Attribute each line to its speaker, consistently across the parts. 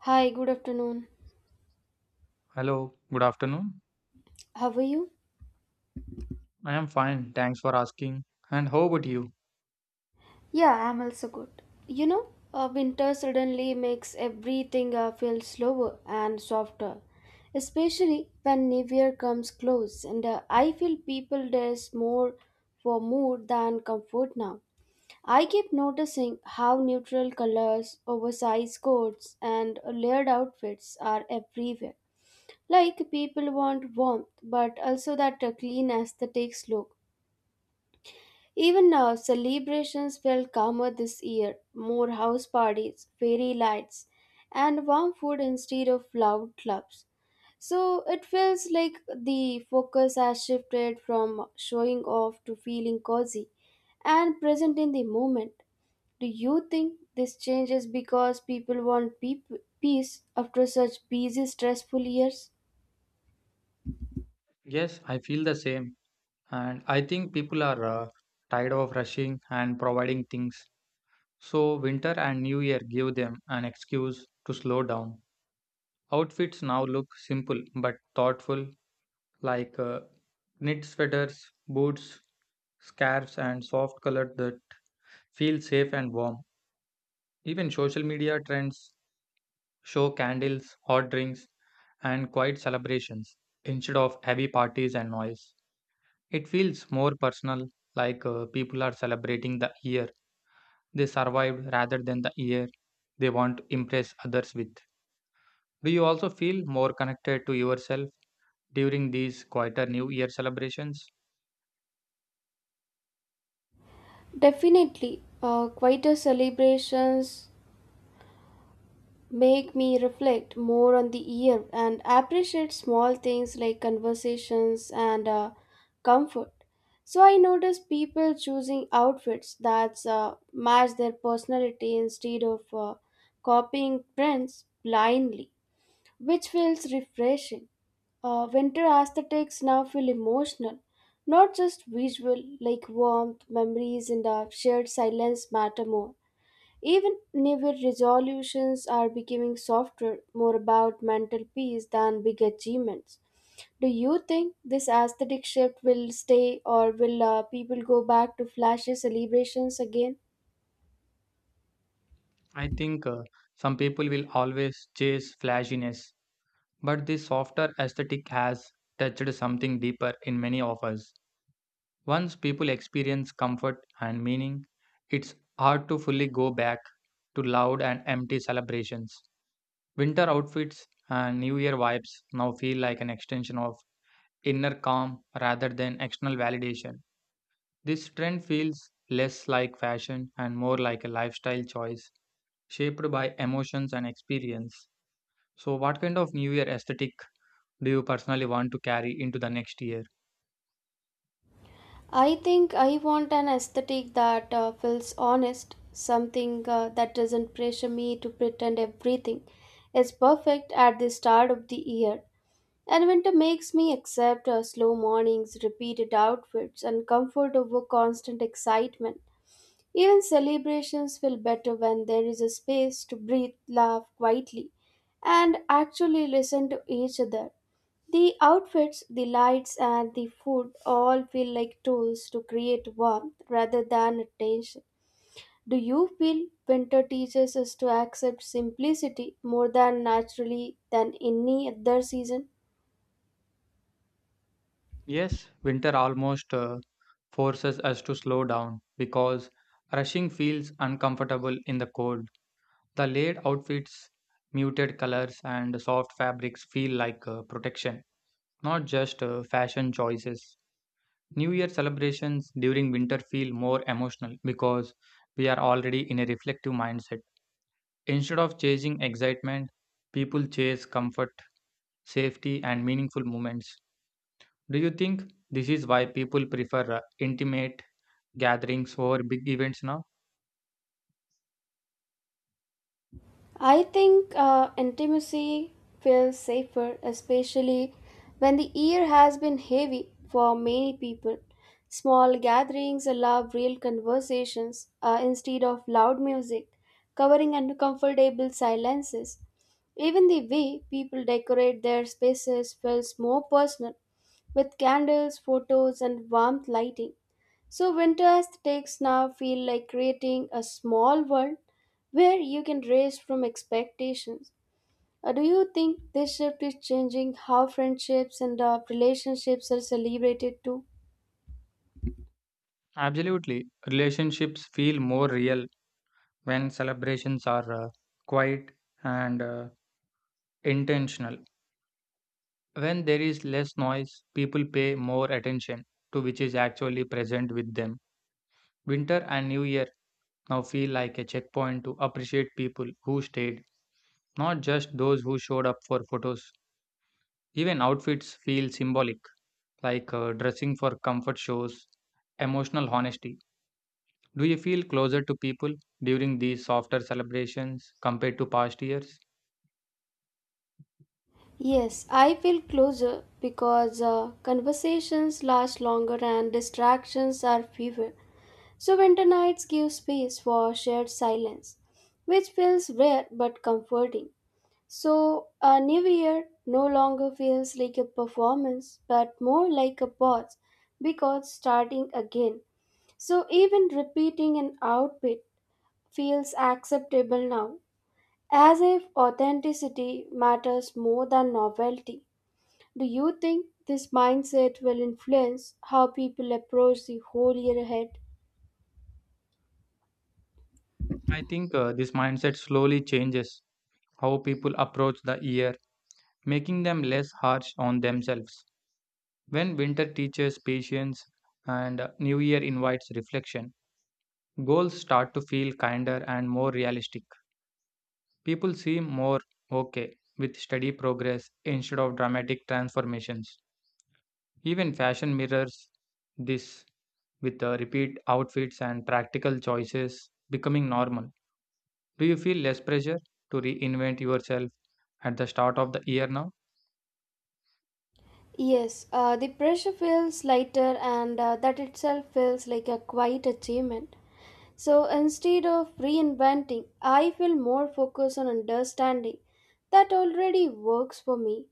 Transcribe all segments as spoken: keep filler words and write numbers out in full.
Speaker 1: Hi, good afternoon.
Speaker 2: Hello, good afternoon.
Speaker 1: How are you?
Speaker 2: I am fine, thanks for asking. And how about you?
Speaker 1: Yeah, I'm also good. You know, uh, winter suddenly makes everything uh, feel slower and softer, especially when New Year comes close. And uh, I feel people dress more for mood than comfort now. I keep noticing how neutral colors, oversized coats, and layered outfits are everywhere. Like people want warmth, but also that uh, clean aesthetics look. Even now, celebrations felt calmer this year, more house parties, fairy lights, and warm food instead of loud clubs. So it feels like the focus has shifted from showing off to feeling cozy and present in the moment. Do you think this change is because people want peop- peace after such busy, stressful years?
Speaker 2: Yes, I feel the same. And I think people are uh, tired of rushing and providing things. So, winter and New Year give them an excuse to slow down. Outfits now look simple but thoughtful, like uh, knit sweaters, boots, scarves, and soft colors that feel safe and warm. Even social media trends show candles, hot drinks, and quiet celebrations instead of heavy parties and noise. It feels more personal, like uh, people are celebrating the year they survived rather than the year they want to impress others with. Do you also feel more connected to yourself during these quieter New Year celebrations?
Speaker 1: Definitely, uh, quieter celebrations make me reflect more on the year and appreciate small things like conversations and uh, comfort. So I notice people choosing outfits that uh, match their personality instead of uh, copying trends blindly, which feels refreshing. Uh, winter aesthetics now feel emotional, not just visual, like warmth, memories, and uh, shared silence matter more. Even New Year resolutions are becoming softer, more about mental peace than big achievements. Do you think this aesthetic shift will stay, or will uh, people go back to flashy celebrations again?
Speaker 2: I think uh, some people will always chase flashiness, but this softer aesthetic has touched something deeper in many of us. Once people experience comfort and meaning, it's hard to fully go back to loud and empty celebrations. Winter outfits and New Year vibes now feel like an extension of inner calm rather than external validation. This trend feels less like fashion and more like a lifestyle choice shaped by emotions and experience. So, what kind of New Year aesthetic do you personally want to carry into the next year?
Speaker 1: I think I want an aesthetic that uh, feels honest, something uh, that doesn't pressure me to pretend everything is perfect at the start of the year. And winter makes me accept uh, slow mornings, repeated outfits, and comfort over constant excitement. Even celebrations feel better when there is a space to breathe, laugh quietly, and actually listen to each other. The outfits, the lights, and the food all feel like tools to create warmth rather than attention. Do you feel winter teaches us to accept simplicity more than naturally than any other season?
Speaker 2: Yes, winter almost uh, forces us to slow down because rushing feels uncomfortable in the cold. The layered outfits, muted colors, and soft fabrics feel like uh, protection, not just uh, fashion choices. New Year celebrations during winter feel more emotional because we are already in a reflective mindset. Instead of chasing excitement, people chase comfort, safety, and meaningful moments. Do you think this is why people prefer uh, intimate gatherings over big events now?
Speaker 1: I think uh, intimacy feels safer, especially when the year has been heavy for many people. Small gatherings allow real conversations uh, instead of loud music, covering uncomfortable silences. Even the way people decorate their spaces feels more personal, with candles, photos, and warmth lighting. So winter aesthetics now feel like creating a small world where you can race from expectations. Uh, do you think this shift is changing how friendships and uh, relationships are celebrated too?
Speaker 2: Absolutely. Relationships feel more real when celebrations are uh, quiet and uh, intentional. When there is less noise, people pay more attention to which is actually present with them. Winter and New Year now feel like a checkpoint to appreciate people who stayed, not just those who showed up for photos. Even outfits feel symbolic, like uh, dressing for comfort shows emotional honesty. Do you feel closer to people during these softer celebrations compared to past years?
Speaker 1: Yes, I feel closer because uh, conversations last longer and distractions are fewer. So winter nights give space for shared silence, which feels rare but comforting. So, a new year no longer feels like a performance but more like a pause because starting again. So, even repeating an outfit feels acceptable now, as if authenticity matters more than novelty. Do you think this mindset will influence how people approach the whole year ahead?
Speaker 2: I think uh, this mindset slowly changes how people approach the year, making them less harsh on themselves. When winter teaches patience and uh, New Year invites reflection, goals start to feel kinder and more realistic. People seem more okay with steady progress instead of dramatic transformations. Even fashion mirrors this with uh, repeat outfits and practical choices becoming normal. Do you feel less pressure to reinvent yourself at the start of the year now?
Speaker 1: Yes, uh, the pressure feels lighter, and uh, that itself feels like a quiet achievement. So instead of reinventing, I feel more focused on understanding. That already works for me.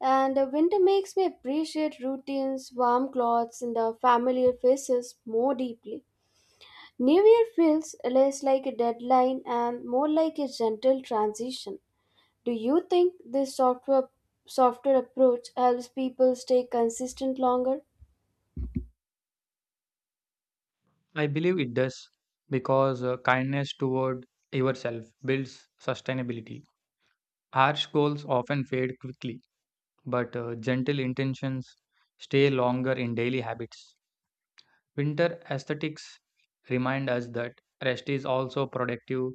Speaker 1: And the winter makes me appreciate routines, warm clothes, and the familiar faces more deeply. New Year feels less like a deadline and more like a gentle transition. Do you think this software softer approach helps people stay consistent longer?
Speaker 2: I believe it does because uh, kindness toward yourself builds sustainability. Harsh goals often fade quickly, but uh, gentle intentions stay longer in daily habits. Winter aesthetics remind us that rest is also productive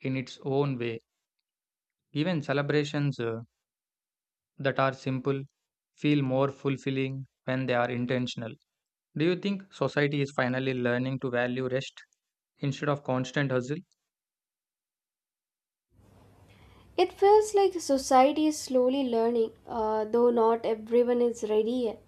Speaker 2: in its own way. Even celebrations uh, that are simple feel more fulfilling when they are intentional. Do you think society is finally learning to value rest instead of constant hustle?
Speaker 1: It feels like society is slowly learning, uh, though not everyone is ready yet.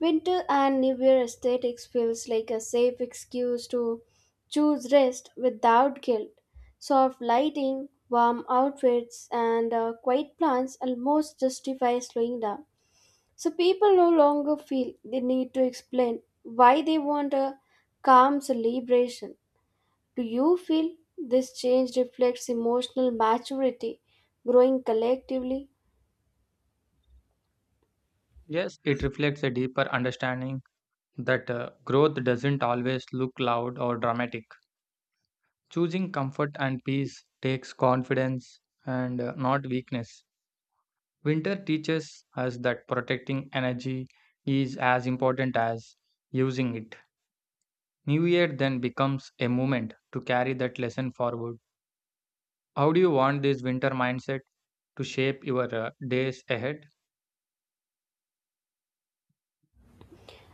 Speaker 1: Winter and New Year aesthetics feels like a safe excuse to choose rest without guilt. Soft lighting, warm outfits, and uh, quiet plans almost justify slowing down. So people no longer feel the need to explain why they want a calm celebration. Do you feel this change reflects emotional maturity growing collectively?
Speaker 2: Yes, it reflects a deeper understanding that uh, growth doesn't always look loud or dramatic. Choosing comfort and peace takes confidence and uh, not weakness. Winter teaches us that protecting energy is as important as using it. New Year then becomes a moment to carry that lesson forward. How do you want this winter mindset to shape your uh, days ahead?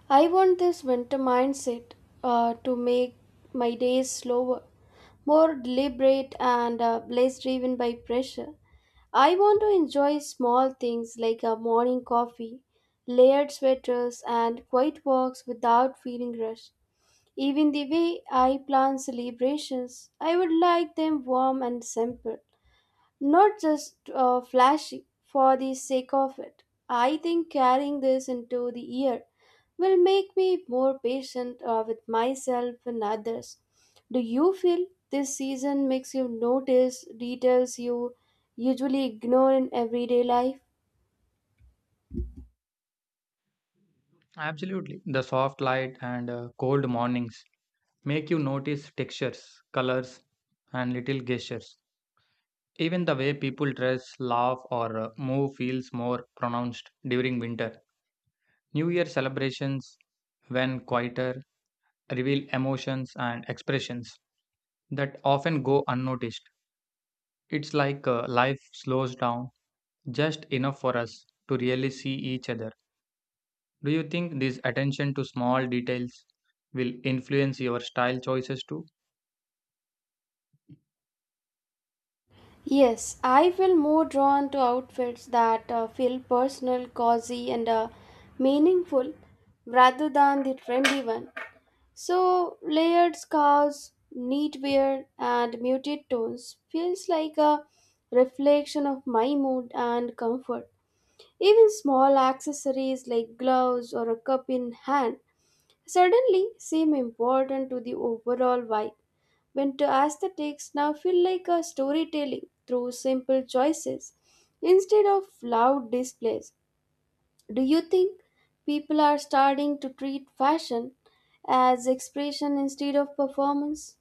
Speaker 1: I want this winter mindset uh, to make my days slower, more deliberate, and uh, less driven by pressure. I want to enjoy small things like a morning coffee, layered sweaters, and quiet walks without feeling rushed. Even the way I plan celebrations, I would like them warm and simple, not just uh, flashy for the sake of it. I think carrying this into the year will make me more patient uh, with myself and others. Do you feel this season makes you notice details you usually ignore in everyday life?
Speaker 2: Absolutely. The soft light and uh, cold mornings make you notice textures, colors, and little gestures. Even the way people dress, laugh, or uh, move feels more pronounced during winter. New Year celebrations, when quieter, reveal emotions and expressions that often go unnoticed. It's like uh, life slows down just enough for us to really see each other. Do you think this attention to small details will influence your style choices too?
Speaker 1: Yes, I feel more drawn to outfits that uh, feel personal, cozy, and uh, meaningful rather than the trendy one. So, layered scarves, neat wear, and muted tones feels like a reflection of my mood and comfort. Even small accessories like gloves or a cup in hand suddenly seem important to the overall vibe. Winter aesthetics now feel like a storytelling through simple choices instead of loud displays. Do you think people are starting to treat fashion as expression instead of performance?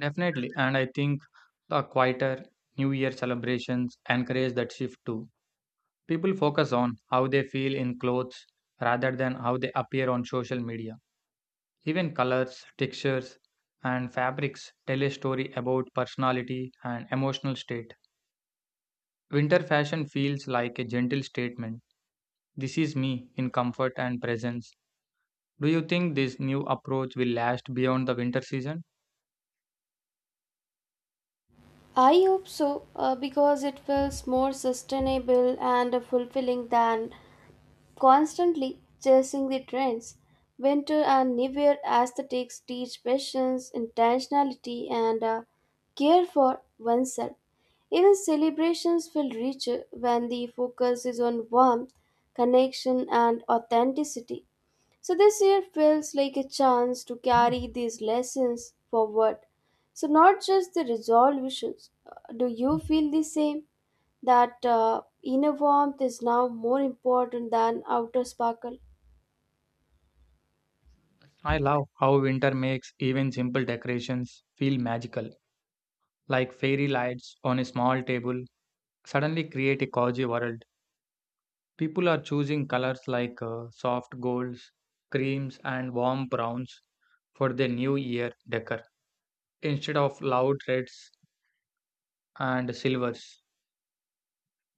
Speaker 2: Definitely. And I think the quieter New Year celebrations encourage that shift too. People focus on how they feel in clothes rather than how they appear on social media. Even colors, textures, and fabrics tell a story about personality and emotional state. Winter fashion feels like a gentle statement. This is me in comfort and presence. Do you think this new approach will last beyond the winter season?
Speaker 1: I hope so, uh, because it feels more sustainable and fulfilling than constantly chasing the trends. Winter and New Year aesthetics teach patience, intentionality, and uh, care for oneself. Even celebrations feel richer when the focus is on warmth, connection, and authenticity. So this year feels like a chance to carry these lessons forward, so not just the resolutions. Uh, Do you feel the same? That uh, inner warmth is now more important than outer sparkle.
Speaker 2: I love how winter makes even simple decorations feel magical, like fairy lights on a small table suddenly create a cozy world. People are choosing colors like uh, soft golds, creams, and warm browns for their new year decor instead of loud reds and silvers.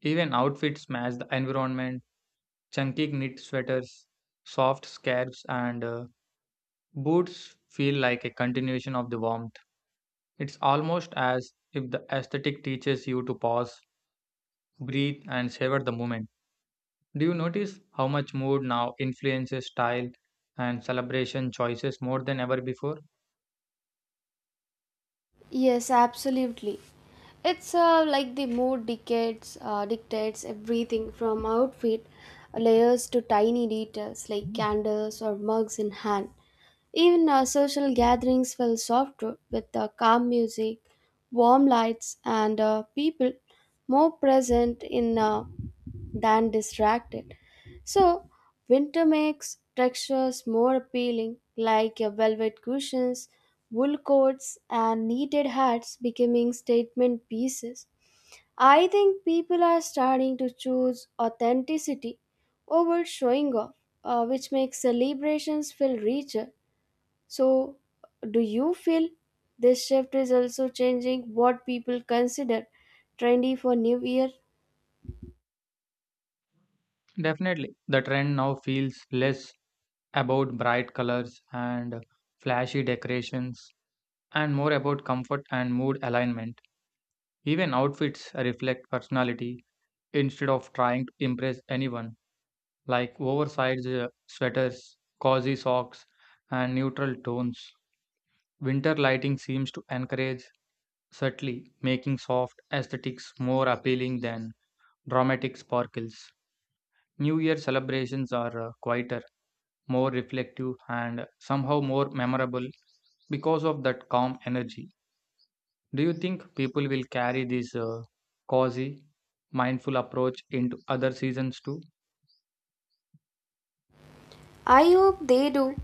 Speaker 2: Even outfits match the environment. Chunky knit sweaters, soft scarves, and uh, boots feel like a continuation of the warmth. It's almost as if the aesthetic teaches you to pause, breathe, and savor the moment. Do you notice how much mood now influences style and celebration choices more than ever before?
Speaker 1: Yes, absolutely. It's uh, like the mood dictates uh, dictates everything from outfit layers to tiny details like candles or mugs in hand. Even uh, social gatherings feel softer with uh, calm music, warm lights, and uh, people more present in uh, than distracted. So, winter makes textures more appealing, like your velvet cushions, wool coats, and knitted hats becoming statement pieces. I think people are starting to choose authenticity over showing off, uh, which makes celebrations feel richer. So, do you feel this shift is also changing what people consider trendy for New Year?
Speaker 2: Definitely. The trend now feels less about bright colors and flashy decorations and more about comfort and mood alignment. Even outfits reflect personality instead of trying to impress anyone, like oversized uh, sweaters, cozy socks, and neutral tones. Winter lighting seems to encourage subtly, making soft aesthetics more appealing than dramatic sparkles. New Year celebrations are uh, quieter, more reflective, and somehow more memorable because of that calm energy. Do you think people will carry this uh, cozy, mindful approach into other seasons too?
Speaker 1: I hope they do,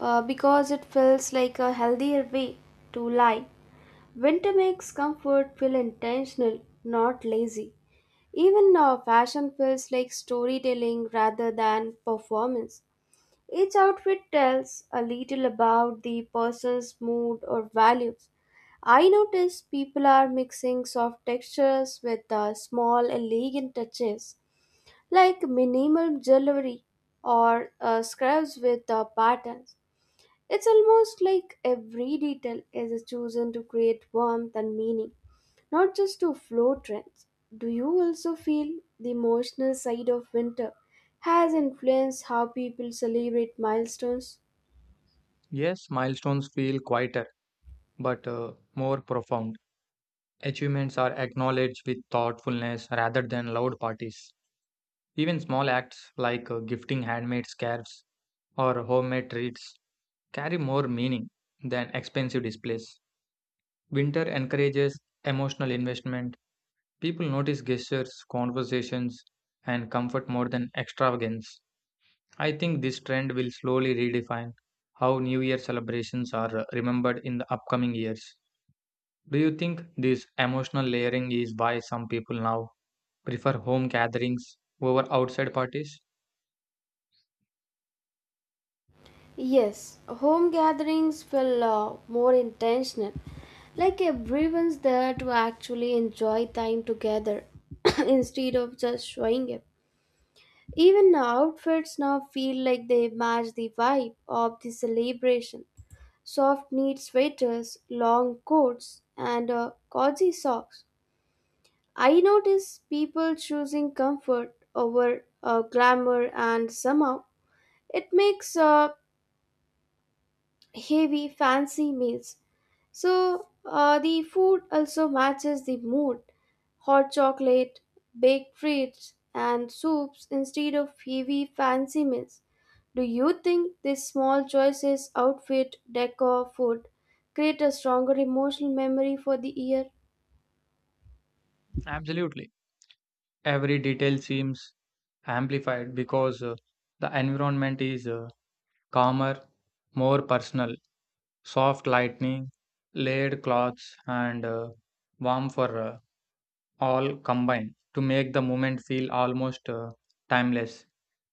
Speaker 1: uh, because it feels like a healthier way to lie. Winter makes comfort feel intentional, not lazy. Even now, fashion feels like storytelling rather than performance. Each outfit tells a little about the person's mood or values. I notice people are mixing soft textures with uh, small, elegant touches like minimal jewelry or uh, scarves with uh, patterns. It's almost like every detail is chosen to create warmth and meaning, not just to flow trends. Do you also feel the emotional side of winter has influenced how people celebrate milestones?
Speaker 2: Yes, milestones feel quieter but uh, more profound. Achievements are acknowledged with thoughtfulness rather than loud parties. Even small acts like uh, gifting handmade scarves or homemade treats carry more meaning than expensive displays. Winter encourages emotional investment. People notice gestures, conversations, and comfort more than extravagance. I think this trend will slowly redefine how New Year celebrations are uh, remembered in the upcoming years. Do you think this emotional layering is why some people now prefer home gatherings over outside parties?
Speaker 1: Yes, home gatherings feel uh, more intentional, like everyone's there to actually enjoy time together instead of just showing up. Even the outfits now feel like they match the vibe of the celebration. Soft knit sweaters, long coats, and uh, cozy socks. I notice people choosing comfort over uh, glamour, and somehow it makes uh, heavy, fancy meals. So uh, the food also matches the mood. Hot chocolate, baked treats, and soups instead of heavy, fancy meals. Do you think these small choices, outfit, decor, food, create a stronger emotional memory for the year?
Speaker 2: Absolutely. Every detail seems amplified because uh, the environment is uh, calmer, more personal, soft lighting, layered cloths, and uh, warm for uh, all combine to make the moment feel almost uh, timeless.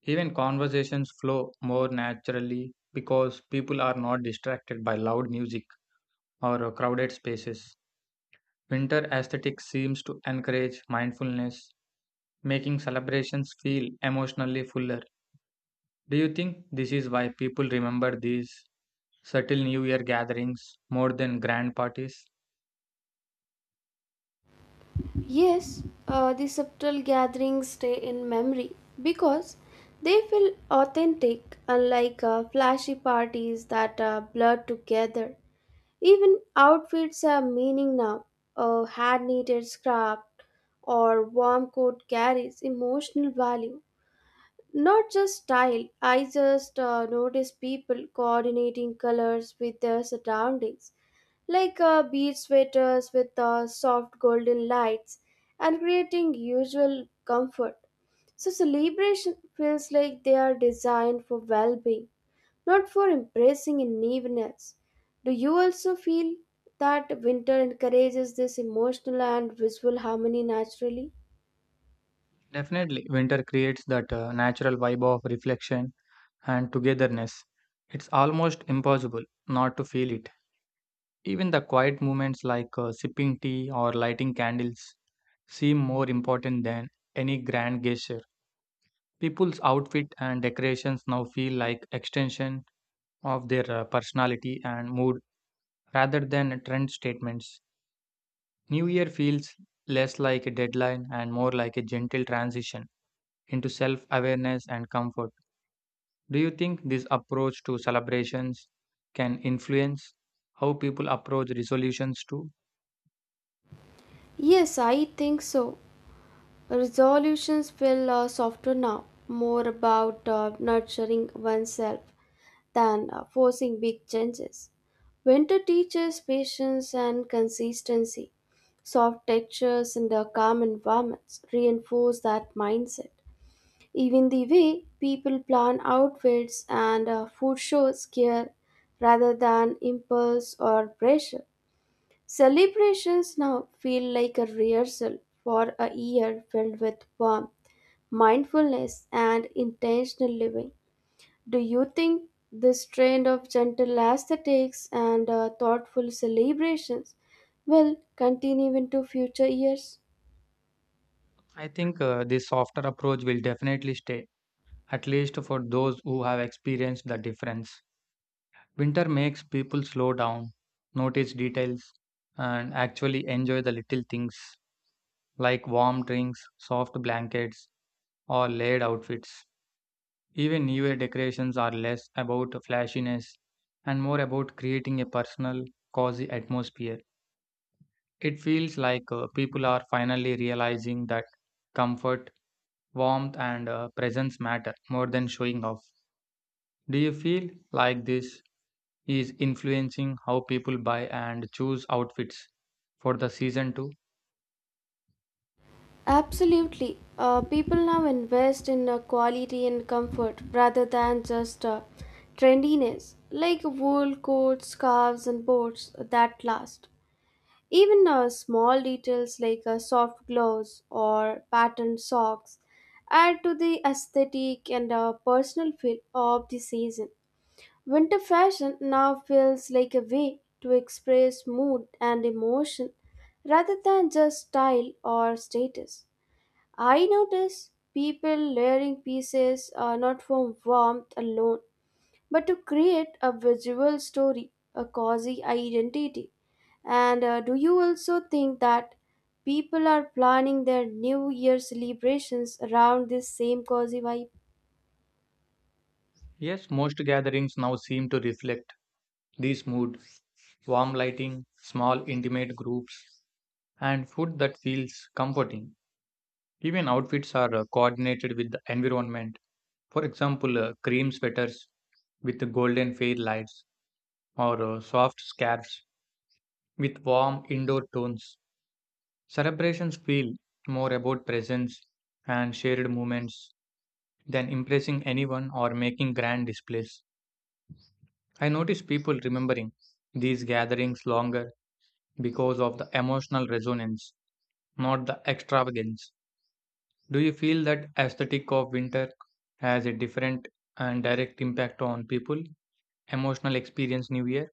Speaker 2: Even conversations flow more naturally because people are not distracted by loud music or uh, crowded spaces. Winter aesthetic seems to encourage mindfulness, making celebrations feel emotionally fuller. Do you think this is why people remember these subtle New Year gatherings more than grand parties?
Speaker 1: Yes, uh, the subtle gatherings stay in memory because they feel authentic, unlike uh, flashy parties that are blur together. Even outfits have meaning now. A hand knitted scarf or warm coat carries emotional value. Not just style, I just uh, notice people coordinating colors with their surroundings, like uh, bead sweaters with uh, soft golden lights and creating usual comfort. So, celebration feels like they are designed for well being, not for embracing naiveness. Do you also feel that winter encourages this emotional and visual harmony naturally?
Speaker 2: Definitely, winter creates that uh, natural vibe of reflection and togetherness. It's almost impossible not to feel it. Even the quiet moments like uh, sipping tea or lighting candles seem more important than any grand gesture. People's outfit and decorations now feel like extension of their uh, personality and mood rather than trend statements. New Year feels less like a deadline and more like a gentle transition into self awareness and comfort. Do you think this approach to celebrations can influence how people approach resolutions too?
Speaker 1: Yes, I think so. Resolutions feel uh, softer now, more about uh, nurturing oneself than uh, forcing big changes. Winter teaches patience and consistency. Soft textures and the calm environments reinforce that mindset. Even the way people plan outfits and uh, food shows care rather than impulse or pressure. Celebrations now feel like a rehearsal for a year filled with warmth, mindfulness, and intentional living. Do you think this trend of gentle aesthetics and uh, thoughtful celebrations will continue into future years?
Speaker 2: I think uh, this softer approach will definitely stay, at least for those who have experienced the difference. Winter makes people slow down, notice details, and actually enjoy the little things like warm drinks, soft blankets, or layered outfits. Even New Year decorations are less about flashiness and more about creating a personal, cozy atmosphere. It feels like uh, people are finally realizing that comfort, warmth, and uh, presence matter more than showing off. Do you feel like this is influencing how people buy and choose outfits for the season too?
Speaker 1: Absolutely. Uh, people now invest in uh, quality and comfort rather than just uh, trendiness, like wool coats, scarves, and boards that last. Even uh, small details like uh, soft gloves or patterned socks add to the aesthetic and uh, personal feel of the season. Winter fashion now feels like a way to express mood and emotion rather than just style or status. I notice people layering pieces are not for warmth alone, but to create a visual story, a cozy identity. And uh, do you also think that people are planning their New Year celebrations around this same cozy vibe?
Speaker 2: Yes, most gatherings now seem to reflect this mood warm lighting, small intimate groups, and food that feels comforting. Even outfits are uh, coordinated with the environment. For example, uh, cream sweaters with the golden fade lights or uh, soft scarves with warm indoor tones. Celebrations feel more about presence and shared moments than impressing anyone or making grand displays. I notice people remembering these gatherings longer because of the emotional resonance, not the extravagance. Do you feel that aesthetic of winter has a different and direct impact on people emotional experience new year?